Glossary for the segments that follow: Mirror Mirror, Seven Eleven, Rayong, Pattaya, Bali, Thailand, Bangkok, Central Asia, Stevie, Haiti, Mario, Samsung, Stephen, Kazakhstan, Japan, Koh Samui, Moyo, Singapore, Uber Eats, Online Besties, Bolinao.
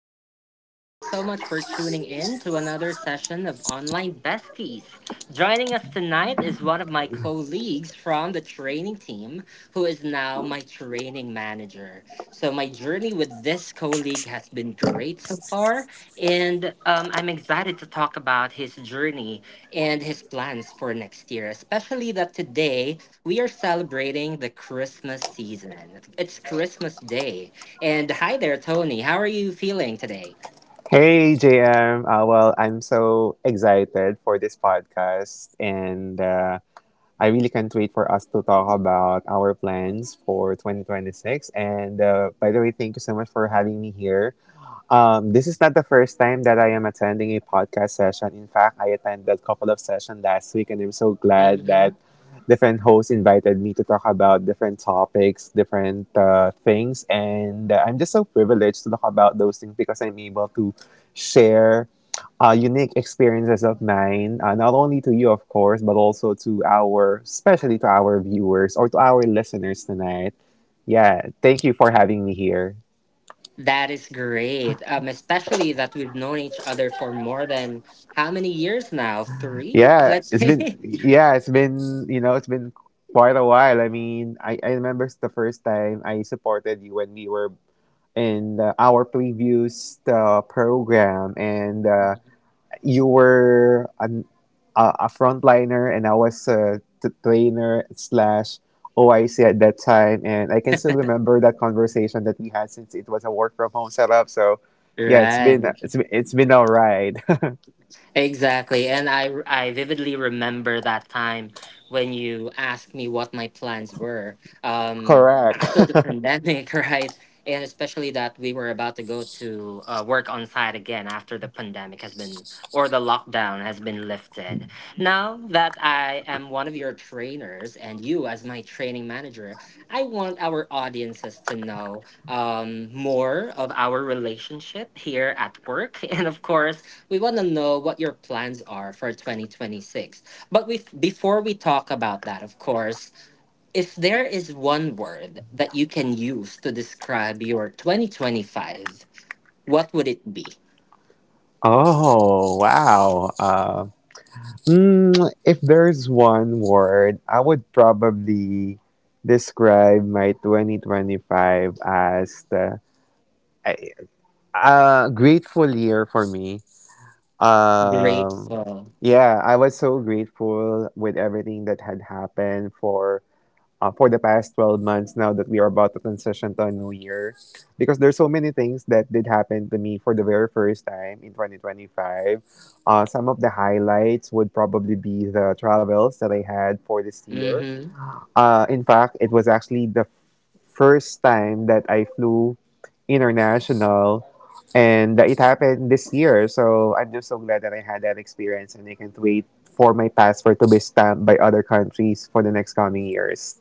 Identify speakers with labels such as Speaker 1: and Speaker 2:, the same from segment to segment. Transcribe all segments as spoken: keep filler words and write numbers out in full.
Speaker 1: everyone. Thank you so much for tuning in to another session of Online Besties. Joining us tonight is one of my colleagues from the training team, who is now my training manager. So, my journey with this colleague has been great so far, and um, I'm excited to talk about his journey and his plans for next year, especially that today we are celebrating the Christmas season. It's Christmas Day. And hi there, Tony. How are you feeling today?
Speaker 2: Hey J M, uh, well, I'm so excited for this podcast, and uh, I really can't wait for us to talk about our plans for twenty twenty-six. And uh, by the way, thank you so much for having me here. Um, this is not the first time that I am attending a podcast session. In fact, I attended a couple of sessions last week, and I'm so glad
Speaker 1: hmm
Speaker 2: that different hosts invited me to talk about different topics, different uh, things. And uh, I'm just so privileged to talk about those things because I'm able to share uh, unique experiences of mine, uh, not only to you, of course, but also to our, especially to our viewers or to our listeners tonight. Yeah, thank you for having me here.
Speaker 1: That is great. Um, especially that we've known each other for more than how many years now? Three?
Speaker 2: Yeah,
Speaker 1: Let's
Speaker 2: it's been,
Speaker 1: say.
Speaker 2: yeah, it's been, you know, it's been quite a while. I mean, I, I remember the first time I supported you when we were in uh, our previous uh, program, and uh, you were an, a, a frontliner, and I was a t- trainer slash O I C at that time. And I can still remember that conversation that we had since it was a work from home setup. So yeah, it's been,
Speaker 1: Right.
Speaker 2: it's been, it's been all right.
Speaker 1: Exactly. And I, r- I vividly remember that time when you asked me what my plans were, um,
Speaker 2: Correct.
Speaker 1: after the pandemic, right? And especially that we were about to go to uh, work on site again after the pandemic has been, or the lockdown has been lifted. Now that I am one of your trainers and you as my training manager, I want our audiences to know, um, more of our relationship here at work. And of course, we want to know what your plans are for twenty twenty-six. But we, before we talk about that, of course, if there is one word that you can use to describe your twenty twenty-five, what would it be?
Speaker 2: Oh, wow. Uh, mm, if there's one word, I would probably describe my twenty twenty-five as the a, a grateful year for me. Um,
Speaker 1: Grateful.
Speaker 2: yeah, I was so grateful with everything that had happened for uh, for the past twelve months now that we are about to transition to a new year because there's so many things that did happen to me for the very first time in twenty twenty-five. Uh, some of the highlights would probably be the travels that I had for this year. Uh, in fact, it was actually the first time that I flew international, and uh, it happened this year. So I'm just so glad that I had that experience, and I can't wait for my passport to be stamped by other countries for the next coming years.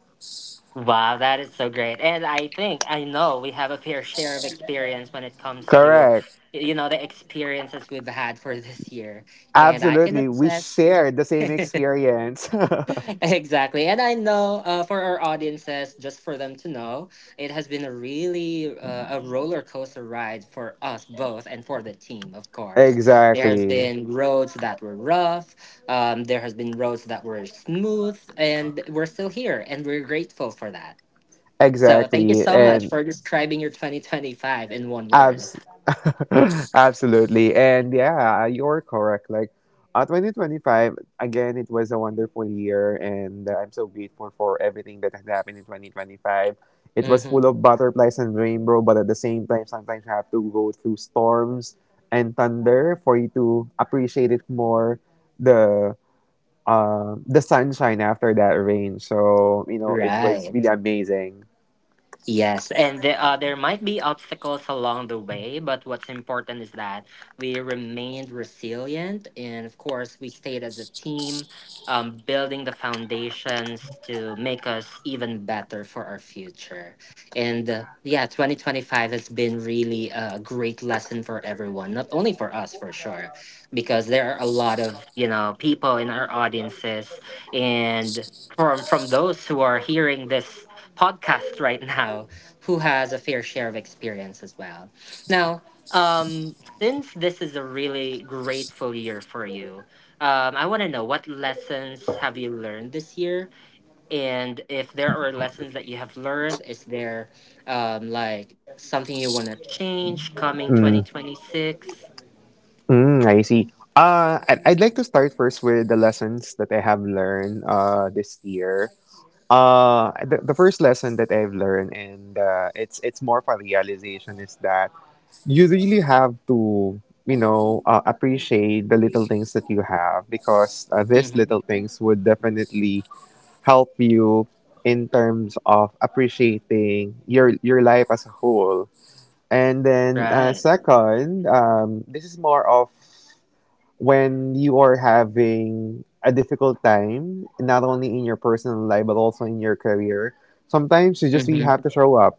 Speaker 1: Wow, that is so great. And I think I know we have a fair share of experience when it comes to
Speaker 2: Correct.
Speaker 1: y- you know the experiences we've had for this year. And I can
Speaker 2: Absolutely. We
Speaker 1: attest
Speaker 2: shared the same experience.
Speaker 1: exactly. And I know, uh, for our audiences, just for them to know, it has been a really uh, a roller coaster ride for us both and for the team, of course. There has
Speaker 2: Exactly.
Speaker 1: been roads that were rough. Um, there has been roads that were smooth, and we're still here, and we're grateful for that. So thank you
Speaker 2: Exactly.
Speaker 1: so much
Speaker 2: And
Speaker 1: for describing your twenty twenty-five in one word.
Speaker 2: Abs- absolutely. And yeah, you're correct. Like, uh, twenty twenty-five, again, it was a wonderful year, and uh, I'm so grateful for everything that has happened in twenty twenty-five. It was
Speaker 1: hmm
Speaker 2: full of butterflies and rainbow, but at the same time, sometimes you have to go through storms and thunder for you to appreciate it more, the uh, the sunshine after that rain. So, you know, it was really
Speaker 1: Right.
Speaker 2: amazing.
Speaker 1: Yes, and the, uh, there might be obstacles along the way, but what's important is that we remained resilient, and of course, we stayed as a team, um, building the foundations to make us even better for our future. And uh, yeah, twenty twenty-five has been really a great lesson for everyone, not only for us, for sure, because there are a lot of you know people in our audiences and. From, from those who are hearing this podcast right now who has a fair share of experience as well. Now, um, since this is a really grateful year for you, um, I want to know what lessons have you learned this year, and if there are lessons that you have learned, is there, um, like something you want to change coming twenty twenty six?
Speaker 2: Mm, I see. Uh, I'd, I'd like to start first with the lessons that I have learned uh, this year. Uh, the, the first lesson that I've learned, and uh, it's it's more of a realization, is that you really have to, you know, uh, appreciate the little things that you have because uh, these little things would definitely help you in terms of appreciating your your life as a whole. And then uh,
Speaker 1: Right.
Speaker 2: second, um, this is more of when you are having a difficult time, not only in your personal life but also in your career, sometimes you just really
Speaker 1: Mm-hmm.
Speaker 2: have to show up.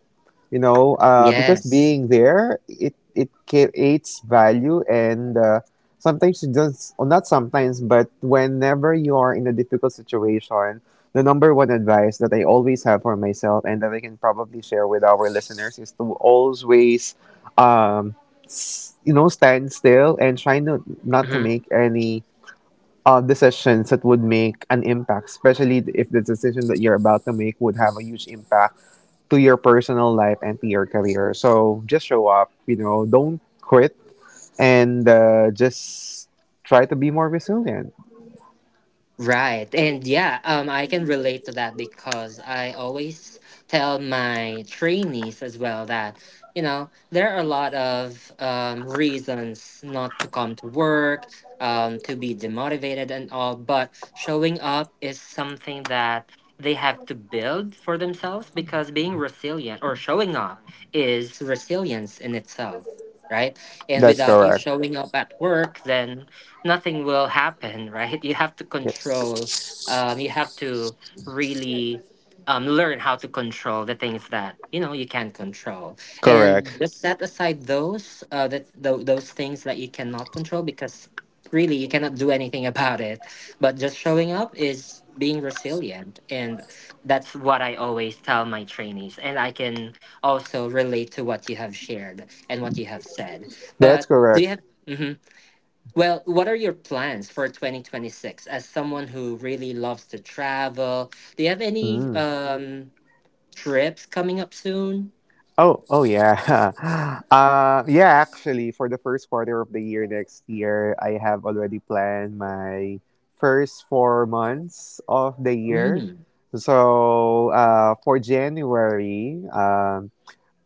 Speaker 2: You know, uh, because
Speaker 1: Yes.
Speaker 2: being there, it it creates value, and uh, sometimes it does. Well, not sometimes, but whenever you are in a difficult situation, the number one advice that I always have for myself and that I can probably share with our listeners is to always um, s- you know, stand still and try not not to
Speaker 1: Mm-hmm.
Speaker 2: make any uh, decisions that would make an impact, especially if the decision that you're about to make would have a huge impact to your personal life and to your career. So just show up, you know, don't quit, and uh, just try to be more resilient.
Speaker 1: Right. And yeah, um, I can relate to that because I always tell my trainees as well that, you know, there are a lot of um, reasons not to come to work, um, to be demotivated and all, but showing up is something that they have to build for themselves because being resilient or showing up is resilience in itself, right? And
Speaker 2: That's
Speaker 1: without you
Speaker 2: correct.
Speaker 1: showing up at work, then nothing will happen, right? You have to
Speaker 2: Yeah.
Speaker 1: control. Um, you have to really, um, learn how to control the things that you know you can control, and
Speaker 2: Correct.
Speaker 1: just set aside those uh, that tho- those things that you cannot control because really you cannot do anything about it. But just showing up is being resilient, and that's what I always tell my trainees, and I can also relate to what you have shared and what you have said.
Speaker 2: That's
Speaker 1: But do
Speaker 2: correct.
Speaker 1: you have? Mhm. Well, what are your plans for twenty twenty-six as someone who really loves to travel? Do you have any
Speaker 2: Mm.
Speaker 1: um trips coming up soon?
Speaker 2: Oh, oh yeah. Uh, yeah, actually, for the first quarter of the year next year, I have already planned my first four months of the year.
Speaker 1: Mm,
Speaker 2: So, uh, for January, um,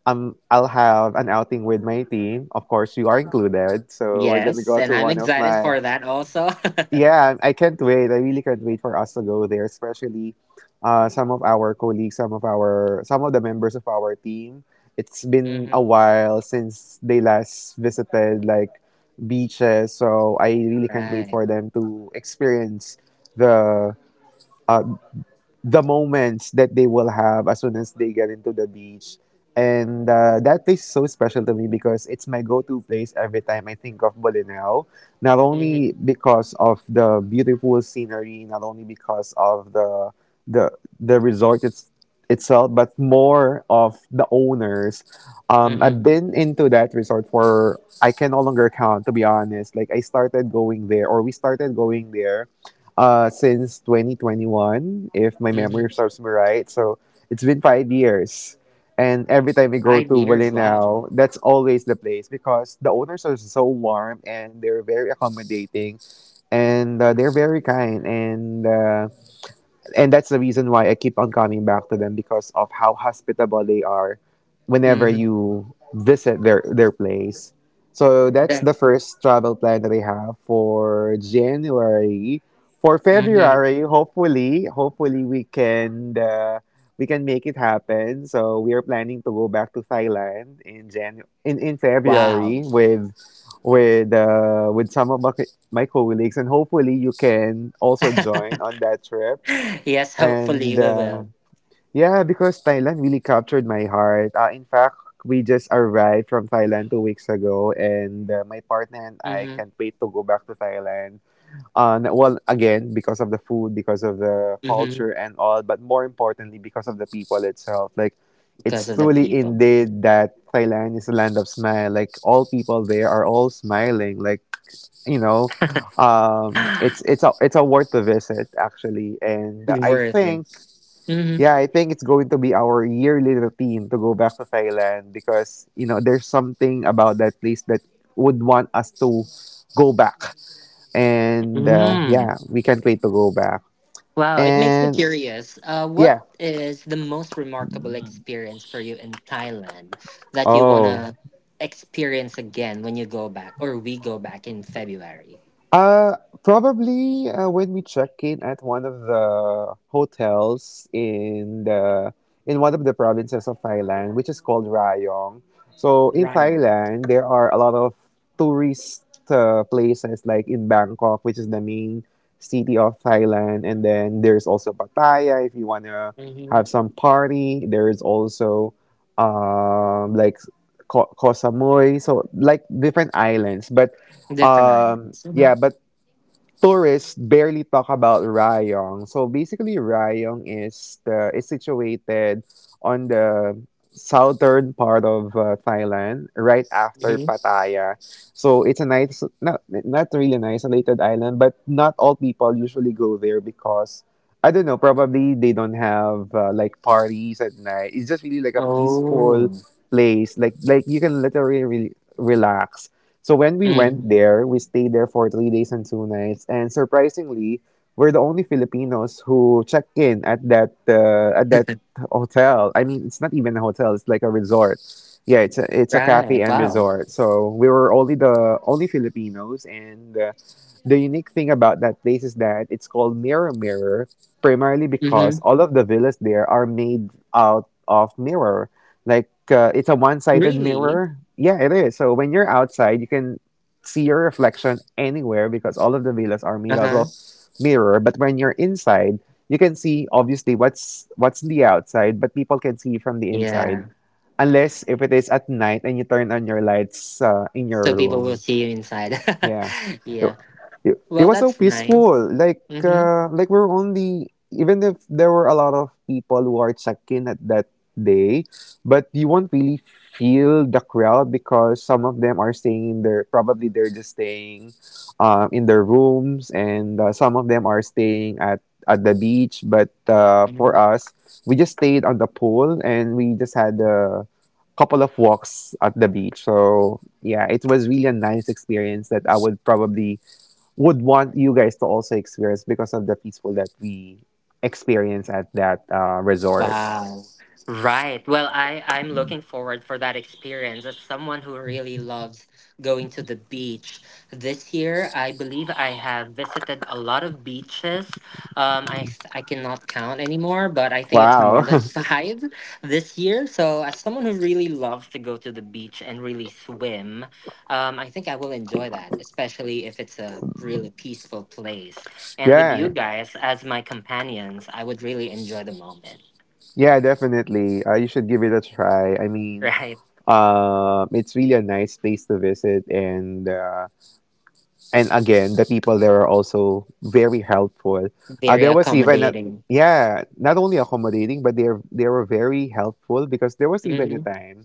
Speaker 2: um, I'll have an outing with my team. Of course, you are included. So, we're gonna
Speaker 1: yes,
Speaker 2: go
Speaker 1: and
Speaker 2: to
Speaker 1: I'm
Speaker 2: one of
Speaker 1: excited
Speaker 2: my—
Speaker 1: for that also.
Speaker 2: yeah, I can't wait. I really can't wait for us to go there, especially uh, some of our colleagues, some of our some of the members of our team. It's been a
Speaker 1: hmm
Speaker 2: while since they last visited like beaches, so I really can't wait
Speaker 1: Right.
Speaker 2: for them to experience the uh, the moments that they will have as soon as they get into the beach. And uh, that place is so special to me because it's my go to place every time I think of Bolinao. Not only
Speaker 1: Mm-hmm.
Speaker 2: because of the beautiful scenery, not only because of the the the resort it's, itself, but more of the owners. Um,
Speaker 1: Mm-hmm.
Speaker 2: I've been into that resort for, I can no longer count, to be honest. Like I started going there, or we started going there uh, since twenty twenty-one, if my memory
Speaker 1: Mm-hmm.
Speaker 2: serves me right. So it's been five years. And every time we go
Speaker 1: Five
Speaker 2: to
Speaker 1: years. Wow.
Speaker 2: Bolinao, that's always the place because the owners are so warm and they're very accommodating, and uh, they're very kind. And uh, and that's the reason why I keep on coming back to them because of how hospitable they are whenever
Speaker 1: Mm-hmm.
Speaker 2: you visit their their place. So that's
Speaker 1: Then,
Speaker 2: the first travel plan that I have for January. For
Speaker 1: mm-hmm.
Speaker 2: February, hopefully, hopefully we can uh, we can make it happen. So we are planning to go back to Thailand in Jan in, in February
Speaker 1: Wow.
Speaker 2: with with uh, with some of my, my colleagues, and hopefully you can also join on that trip,
Speaker 1: Yes, hopefully
Speaker 2: and
Speaker 1: we
Speaker 2: uh,
Speaker 1: will.
Speaker 2: yeah, because Thailand really captured my heart. Uh, in fact, we just arrived from Thailand two weeks ago, and uh, my partner and I
Speaker 1: Mm-hmm.
Speaker 2: can't wait to go back to Thailand. Um, well, again, because of the food, because of the
Speaker 1: Mm-hmm.
Speaker 2: culture and all, but more importantly, because of the people itself. Like, it's
Speaker 1: Because of the
Speaker 2: truly
Speaker 1: people.
Speaker 2: indeed that Thailand is a land of smile. Like, all people there are all smiling. Like, you know, um, it's it's a it's a worth the visit, actually, and I
Speaker 1: Worth it.
Speaker 2: think
Speaker 1: Mm-hmm.
Speaker 2: yeah, I think it's going to be our yearly routine to go back to Thailand because, you know, there's something about that place that would want us to go back. And uh,
Speaker 1: Mm-hmm.
Speaker 2: yeah, we can't wait to go back.
Speaker 1: Wow, it makes me
Speaker 2: And
Speaker 1: curious. Uh, what
Speaker 2: yeah.
Speaker 1: is the most remarkable experience for you in Thailand that you want
Speaker 2: Oh.
Speaker 1: to experience again when you go back or we go back in February?
Speaker 2: Uh, Probably uh, when we check in at one of the hotels in the in one of the provinces of Thailand, which is called Rayong. So in
Speaker 1: Ryan.
Speaker 2: Thailand, there are a lot of tourist uh, places like in Bangkok, which is the main city of Thailand, and then there's also Pattaya if you wanna
Speaker 1: hmm
Speaker 2: have some party. There is also um like Ko- Koh Samui, so like different islands, but
Speaker 1: Different
Speaker 2: um
Speaker 1: islands. hmm
Speaker 2: yeah, but tourists barely talk about Rayong. So basically, Rayong is the is situated on the southern part of uh, Thailand, right after
Speaker 1: hmm
Speaker 2: Pattaya. So it's a nice, not not really an isolated island, but not all people usually go there because, I don't know, probably they don't have uh, like parties at night. It's just really like a peaceful
Speaker 1: Oh.
Speaker 2: place. Like like you can literally re- relax. So when we went
Speaker 1: hmm
Speaker 2: there, we stayed there for three days and two nights, and surprisingly, we're the only Filipinos who checked in at that uh, at that hotel. I mean, it's not even a hotel; it's like a resort. Yeah, it's a it's a cafe
Speaker 1: right.
Speaker 2: and
Speaker 1: Wow.
Speaker 2: resort. So we were only the only Filipinos, and uh, the unique thing about that place is that it's called Mirror Mirror, primarily because
Speaker 1: hmm
Speaker 2: all of the villas there are made out of mirrors. Like uh, it's a one-sided
Speaker 1: Really?
Speaker 2: mirror, yeah it is, so when you're outside you can see your reflection anywhere because all of the villas are made
Speaker 1: Uh
Speaker 2: out of
Speaker 1: huh.
Speaker 2: mirror, but when you're inside you can see obviously what's what's the outside, but people can see from the inside
Speaker 1: Yeah.
Speaker 2: unless if it is at night and you turn on your lights uh, in
Speaker 1: So
Speaker 2: your
Speaker 1: people will
Speaker 2: room,
Speaker 1: see you inside.
Speaker 2: yeah. It,
Speaker 1: yeah.
Speaker 2: it, it
Speaker 1: Well,
Speaker 2: was so
Speaker 1: that's nice.
Speaker 2: peaceful. Like
Speaker 1: Mm-hmm.
Speaker 2: uh, like we're only— even if there were a lot of people who are checking at that day, but you won't really feel the crowd because some of them are staying in their— probably they're just staying um, in their rooms, and uh, some of them are staying at at the beach, but uh, for
Speaker 1: Mm-hmm.
Speaker 2: us we just stayed on the pool and we just had a couple of walks at the beach. So yeah, it was really a nice experience that I would probably would want you guys to also experience because of the peaceful that we experience at that uh, resort.
Speaker 1: Wow. Right. Well, I I'm looking forward for that experience as someone who really loves going to the beach. This year, I believe I have visited a lot of beaches. Um, I s- I cannot count anymore, but I think it's more
Speaker 2: Wow.
Speaker 1: than five this year. So, as someone who really loves to go to the beach and really swim, um, I think I will enjoy that, especially if it's a really peaceful place. And with you
Speaker 2: Yeah.
Speaker 1: guys as my companions, I would really enjoy the moment.
Speaker 2: Yeah, definitely. Uh, you should give it a try. I mean,
Speaker 1: Right.
Speaker 2: um, it's really a nice place to visit and uh, and again the people there are also very helpful, uh,
Speaker 1: Very
Speaker 2: there was even a
Speaker 1: accommodating.
Speaker 2: yeah, not only accommodating, but they're they were very helpful because there was even a
Speaker 1: hmm
Speaker 2: time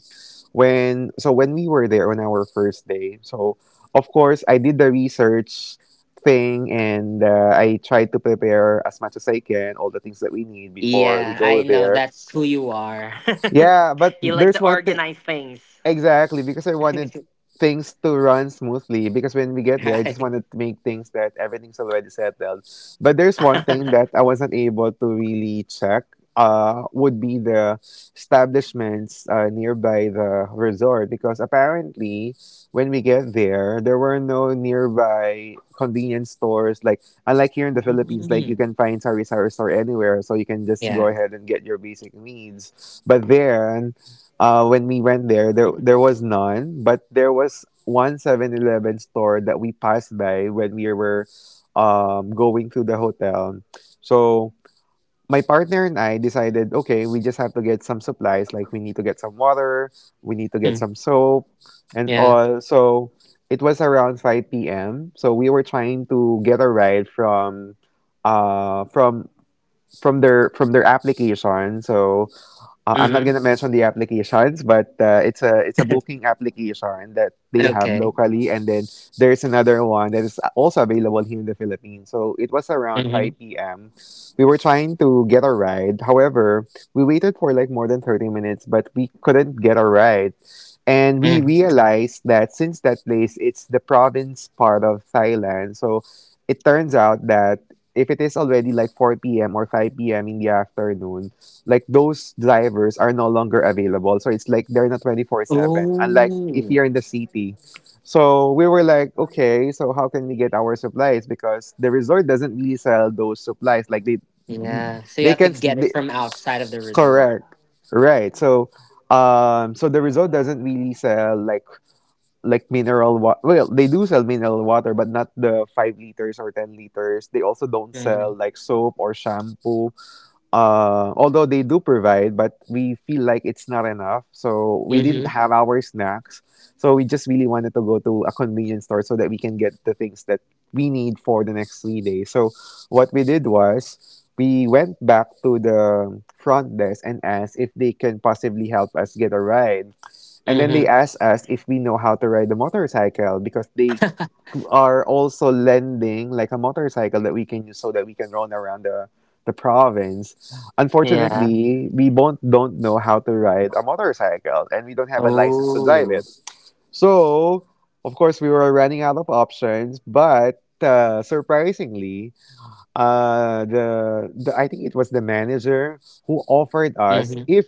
Speaker 2: when so when we were there on our first day. So of course I did the research thing, and uh, I tried to prepare as much as I can all the things that we need before we
Speaker 1: Yeah,
Speaker 2: go
Speaker 1: I know.
Speaker 2: there.
Speaker 1: That's who you are.
Speaker 2: Yeah, but
Speaker 1: you like
Speaker 2: there's
Speaker 1: to
Speaker 2: one thing.
Speaker 1: organize things.
Speaker 2: Exactly, because I wanted things to run smoothly. Because when we get there, I just
Speaker 1: right.
Speaker 2: wanted to make things that everything's already settled. But there's one thing that I wasn't able to really check. Uh, would be the establishments uh, nearby the resort because apparently when we get there, there were no nearby convenience stores. Like unlike here in the Philippines, like you
Speaker 1: Mm,
Speaker 2: can find sari sari store anywhere, so you can just go
Speaker 1: yeah.
Speaker 2: ahead and get your basic needs. But there uh, When we went there, there there was none, but there was one Seven Eleven store that we passed by when we were um, going to the hotel. So my partner and I decided, okay, we just have to get some supplies. Like we need to get some water, we need to get
Speaker 1: Hmm,
Speaker 2: some soap, and
Speaker 1: yeah.
Speaker 2: all. So it was around five p m. So we were trying to get a ride from, uh, from from their from their application. So uh, I'm not
Speaker 1: hmm
Speaker 2: going to mention the applications, but uh, it's a it's a booking application that they have
Speaker 1: Okay.
Speaker 2: locally, and then there's another one that is also available here in the Philippines. So it was around
Speaker 1: hmm
Speaker 2: five p m. We were trying to get a ride. However, we waited for like more than thirty minutes, but we couldn't get a ride. And we
Speaker 1: hmm
Speaker 2: realized that since that place, it's the province part of Thailand. So it turns out that if it is already like four p m or five p m in the afternoon, like those drivers are no longer available. So it's like they're not twenty four seven, unlike if
Speaker 1: Oh,
Speaker 2: you're in the city. So we were like, okay, so how can we get our supplies? Because the resort doesn't really sell those supplies. Like they,
Speaker 1: yeah. So you
Speaker 2: they
Speaker 1: have to
Speaker 2: can,
Speaker 1: get it
Speaker 2: they,
Speaker 1: from outside of the resort.
Speaker 2: correct. Right. So, um, so the resort doesn't really sell like, like mineral water. Well, they do sell mineral water, but not the five liters or ten liters. They also don't sell
Speaker 1: hmm
Speaker 2: like soap or shampoo, uh, although they do provide, but we feel like it's not enough. So we didn't
Speaker 1: hmm
Speaker 2: have our snacks. So we just really wanted to go to a convenience store so that we can get the things that we need for the next three days. So what we did was we went back to the front desk and asked if they can possibly help us get a ride. And then they
Speaker 1: hmm
Speaker 2: asked us if we know how to ride the motorcycle because they are also lending like a motorcycle that we can use so that we can run around the the province.
Speaker 1: Yeah.
Speaker 2: Unfortunately, we both don't know how to ride a motorcycle and we don't have a license to drive
Speaker 1: Oh.
Speaker 2: it. So, of course, we were running out of options, but uh, surprisingly, uh the, the I think it was the manager who offered us
Speaker 1: hmm
Speaker 2: if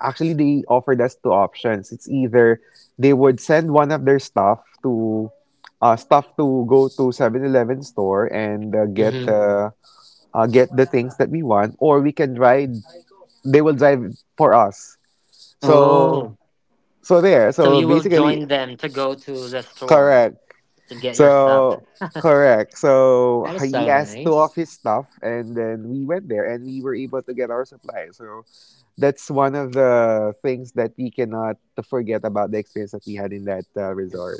Speaker 2: actually they offered us two options. It's either they would send one of their staff to uh staff to go to Seven Eleven store and uh, get
Speaker 1: hmm
Speaker 2: uh, uh get the things that we want, or we can drive they will drive for us. So
Speaker 1: Oh.
Speaker 2: so there,
Speaker 1: So
Speaker 2: so
Speaker 1: you will
Speaker 2: basically,
Speaker 1: join them to go to the store.
Speaker 2: correct.
Speaker 1: To get your stuff.
Speaker 2: So, correct. So
Speaker 1: That is
Speaker 2: he
Speaker 1: so
Speaker 2: asked two of
Speaker 1: nice.
Speaker 2: his stuff, and then we went there, and we were able to get our supplies. So that's one of the things that we cannot forget about the experience that we had in that uh, resort.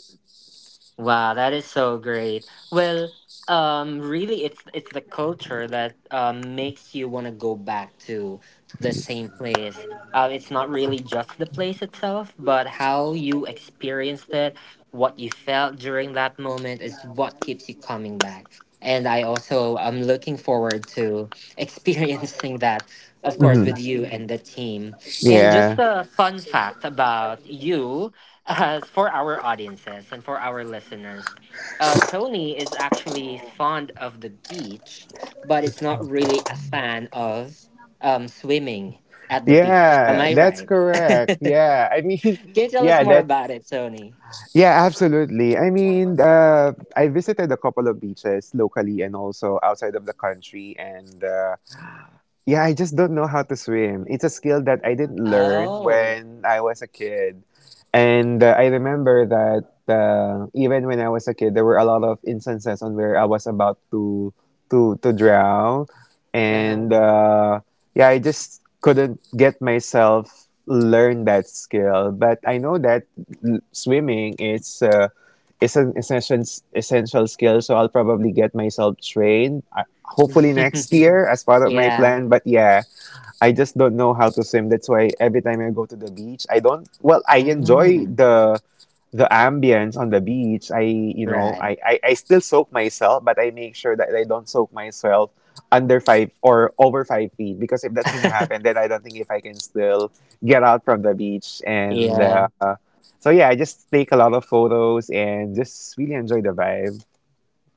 Speaker 1: Wow, that is so great. Well, um, really, it's it's the culture that um makes you want to go back to to the same place. Uh, it's not really just the place itself, but how you experienced it, what you felt during that moment is what keeps you coming back. And I also am looking forward to experiencing that, of course,
Speaker 2: Mhm.
Speaker 1: with you and the team. And just
Speaker 2: Yeah.
Speaker 1: a fun fact about you as for our audiences and for our listeners. Uh, Tony is actually fond of the beach, but is not really a fan of, um, swimming at the beach. Am
Speaker 2: Yeah,
Speaker 1: I
Speaker 2: that's
Speaker 1: right?
Speaker 2: correct. Yeah, I mean,
Speaker 1: Can you tell us
Speaker 2: yeah,
Speaker 1: more
Speaker 2: that's
Speaker 1: about it, Tony?
Speaker 2: yeah, absolutely. I mean, uh, I visited a couple of beaches locally and also outside of the country, and uh, yeah, I just don't know how to swim. It's a skill that I didn't learn
Speaker 1: Oh,
Speaker 2: when I was a kid. And uh, I remember that uh, even when I was a kid, there were a lot of instances on where I was about to to to drown,
Speaker 1: uh-huh.
Speaker 2: and uh, yeah, I just couldn't get myself learn that skill. But I know that l- swimming is uh, is an essential essential skill, so I'll probably get myself trained uh, hopefully next year as part of my
Speaker 1: yeah.
Speaker 2: plan. But yeah, I just don't know how to swim. That's why every time I go to the beach, I don't, well, I enjoy
Speaker 1: Mhm.
Speaker 2: the, the ambience on the beach. I, you know,
Speaker 1: Right.
Speaker 2: I, I, I still soak myself, but I make sure that I don't soak myself under five or over five feet because if that's going to happen, then I don't think if I can still get out from the beach. And,
Speaker 1: yeah.
Speaker 2: uh, so yeah, I just take a lot of photos and just really enjoy the vibe.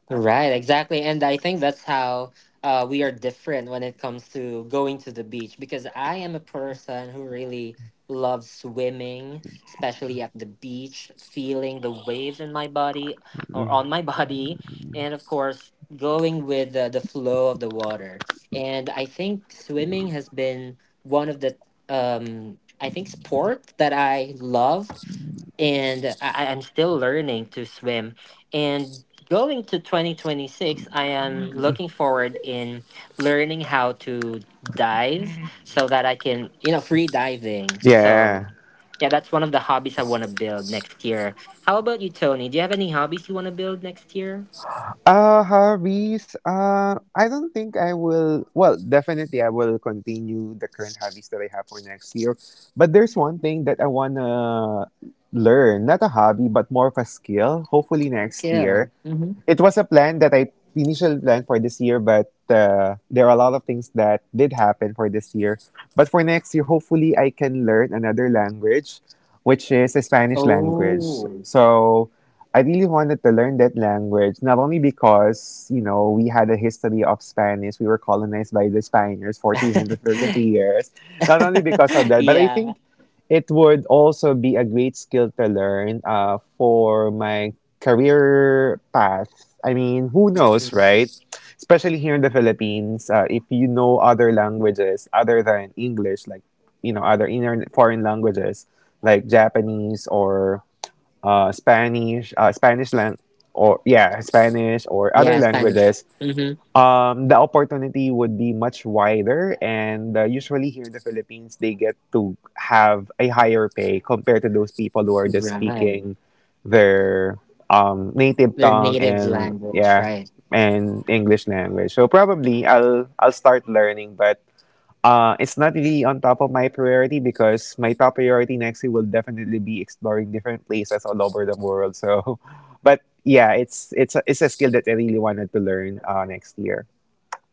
Speaker 1: Right, exactly. And I think that's how, uh, we are different when it comes to going to the beach because I am a person who really loves swimming, especially at the beach, feeling the waves in my body or
Speaker 2: Mm.
Speaker 1: on my body. And of course, going with the, the flow of the water. And I think swimming has been one of the, um, I think, sport that I loved and I, I'm still learning to swim. And going to twenty twenty-six, I am looking forward in learning how to dive so that I can, you know, free diving. So
Speaker 2: Yeah.
Speaker 1: yeah, that's one of the hobbies I want to build next year. How about you, Tony? Do you have any hobbies you want to build next year?
Speaker 2: Uh, hobbies. Uh, I don't think I will. Well, definitely I will continue the current hobbies that I have for next year. But there's one thing that I wanna learn, not a hobby, but more of a skill. Hopefully next
Speaker 1: Yeah.
Speaker 2: year,
Speaker 1: hmm
Speaker 2: it was a plan that I initially planned for this year, but uh, there are a lot of things that did happen for this year. But for next year, hopefully, I can learn another language, which is the Spanish language.
Speaker 1: Oh.
Speaker 2: So I really wanted to learn that language, not only because, you know, we had a history of Spanish, we were colonized by the Spaniards for three hundred thirty-three years, not only because of that, but I
Speaker 1: yeah.
Speaker 2: think it would also be a great skill to learn uh, for my career path. I mean, who knows,
Speaker 1: Mhm.
Speaker 2: right? Especially here in the Philippines, uh, if you know other languages other than English, like, you know, other inner foreign languages like Japanese or uh, Spanish, uh, Spanish lang- or yeah, Spanish or other
Speaker 1: Yeah, Spanish.
Speaker 2: languages,
Speaker 1: hmm
Speaker 2: um, the opportunity would be much wider, and uh, usually here in the Philippines, they get to have a higher pay compared to those people who are just
Speaker 1: Right.
Speaker 2: speaking their um, native
Speaker 1: Their
Speaker 2: tongue
Speaker 1: native
Speaker 2: and
Speaker 1: language,
Speaker 2: yeah,
Speaker 1: right?
Speaker 2: and English language. So probably I'll I'll start learning, but uh, it's not really on top of my priority because my top priority next year will definitely be exploring different places all over the world. So, but yeah, it's it's a, it's a skill that I really wanted to learn uh, next year.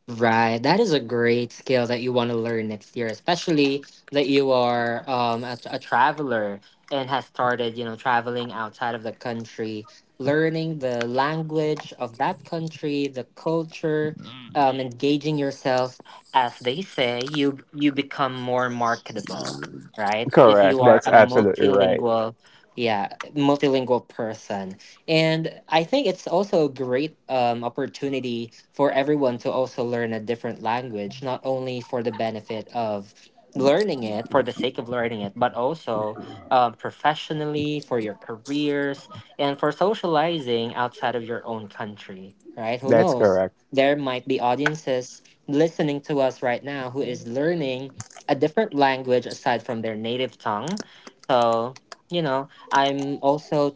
Speaker 1: Right. That is a great skill that you want to learn next year, especially that you are um a, a traveler and have started, you know, traveling outside of the country, learning the language of that country, the culture, um, engaging yourself. As they say, you you become more marketable, right? If you
Speaker 2: Correct.
Speaker 1: are
Speaker 2: That's
Speaker 1: a
Speaker 2: absolutely right.
Speaker 1: multilingual, yeah, multilingual person. And I think it's also a great, um, opportunity for everyone to also learn a different language, not only for the benefit of learning it for the sake of learning it, but also, um, professionally for your careers and for socializing outside of your own country, right? Who
Speaker 2: That's
Speaker 1: knows?
Speaker 2: correct.
Speaker 1: There might be audiences listening to us right now who is learning a different language aside from their native tongue. So, you know, I'm also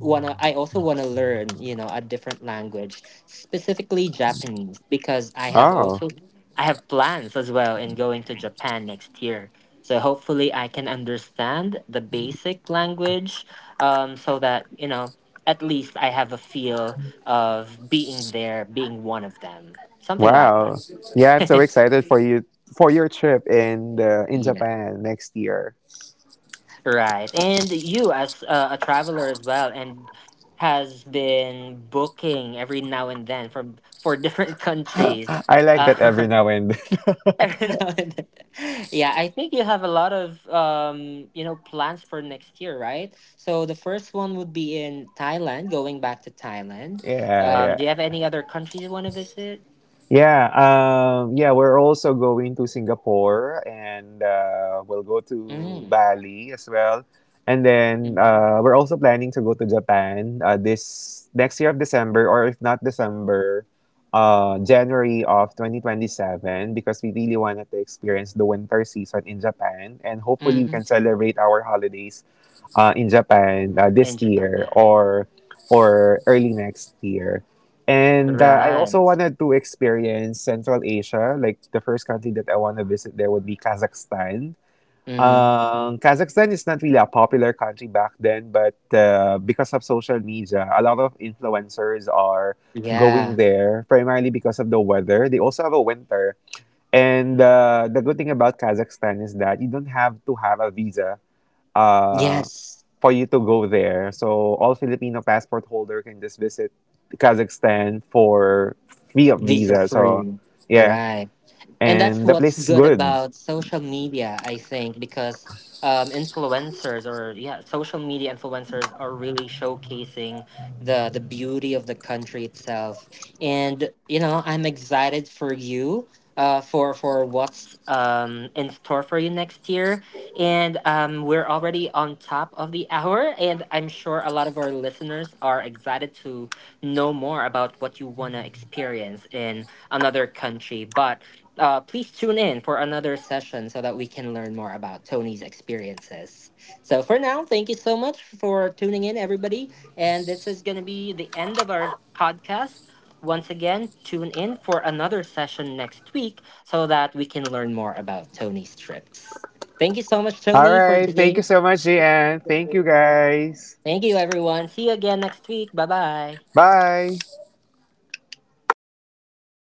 Speaker 1: wanna I also wanna learn, you know, a different language, specifically Japanese, because I have
Speaker 2: Oh,
Speaker 1: also I have plans as well in going to Japan next year. So hopefully I can understand the basic language, um, so that, you know, at least I have a feel of being there, being one of them. Something like
Speaker 2: wow. Yeah, I'm so
Speaker 1: that.
Speaker 2: excited for you for your trip in the, in
Speaker 1: Yeah.
Speaker 2: Japan next year.
Speaker 1: Right. And you as uh, a traveler as well and has been booking every now and then from for different countries.
Speaker 2: I like that
Speaker 1: Uh,
Speaker 2: every now and
Speaker 1: every now and then. Yeah, I think you have a lot of, um, you know, plans for next year, right? So the first one would be in Thailand, going back to Thailand.
Speaker 2: yeah.
Speaker 1: Um,
Speaker 2: Yeah,
Speaker 1: do you have any other countries you want to visit?
Speaker 2: Yeah, um, yeah, we're also going to Singapore and uh, we'll go to
Speaker 1: Mm.
Speaker 2: Bali as well. And then
Speaker 1: Mm-hmm.
Speaker 2: uh, we're also planning to go to Japan uh, this next year of December, or if not December, uh, January of twenty twenty-seven, because we really wanted to experience the winter season in Japan. And hopefully, we
Speaker 1: Mm-hmm.
Speaker 2: can celebrate our holidays uh, in Japan uh, this
Speaker 1: In
Speaker 2: year
Speaker 1: Japan.
Speaker 2: or or early next year. And uh, I also
Speaker 1: Right.
Speaker 2: wanted to experience Central Asia. Like the first country that I want to visit there would be Kazakhstan.
Speaker 1: Mm-hmm.
Speaker 2: Um, Kazakhstan is not really a popular country back then, but uh, because of social media, a lot of influencers are going
Speaker 1: Yeah.
Speaker 2: there primarily because of the weather. They also have a winter. And uh, the good thing about Kazakhstan is that you don't have to have a visa uh,
Speaker 1: Yes.
Speaker 2: for you to go there. So all Filipino passport holder can just visit Kazakhstan for free of
Speaker 1: Visa
Speaker 2: visa. So
Speaker 1: free.
Speaker 2: yeah,
Speaker 1: Right, and that's
Speaker 2: and the
Speaker 1: what's
Speaker 2: place is
Speaker 1: good
Speaker 2: good.
Speaker 1: about social media I think because, um, influencers or yeah social media influencers are really showcasing the the beauty of the country itself and you know I'm excited for you, uh, for for what's, um, in store for you next year and um, we're already on top of the hour and I'm sure a lot of our listeners are excited to know more about what you want to experience in another country but, uh, please tune in for another session so that we can learn more about Tony's experiences. So, for now, thank you so much for tuning in, everybody. And this is going to be the end of our podcast. Once again, tune in for another session next week so that we can learn more about Tony's trips. Thank you so much,
Speaker 2: All
Speaker 1: Tony, for
Speaker 2: right, thank you
Speaker 1: today.
Speaker 2: so much, Jan. Thank you guys.
Speaker 1: Thank you, everyone. See you again next week. Bye bye.
Speaker 2: Bye.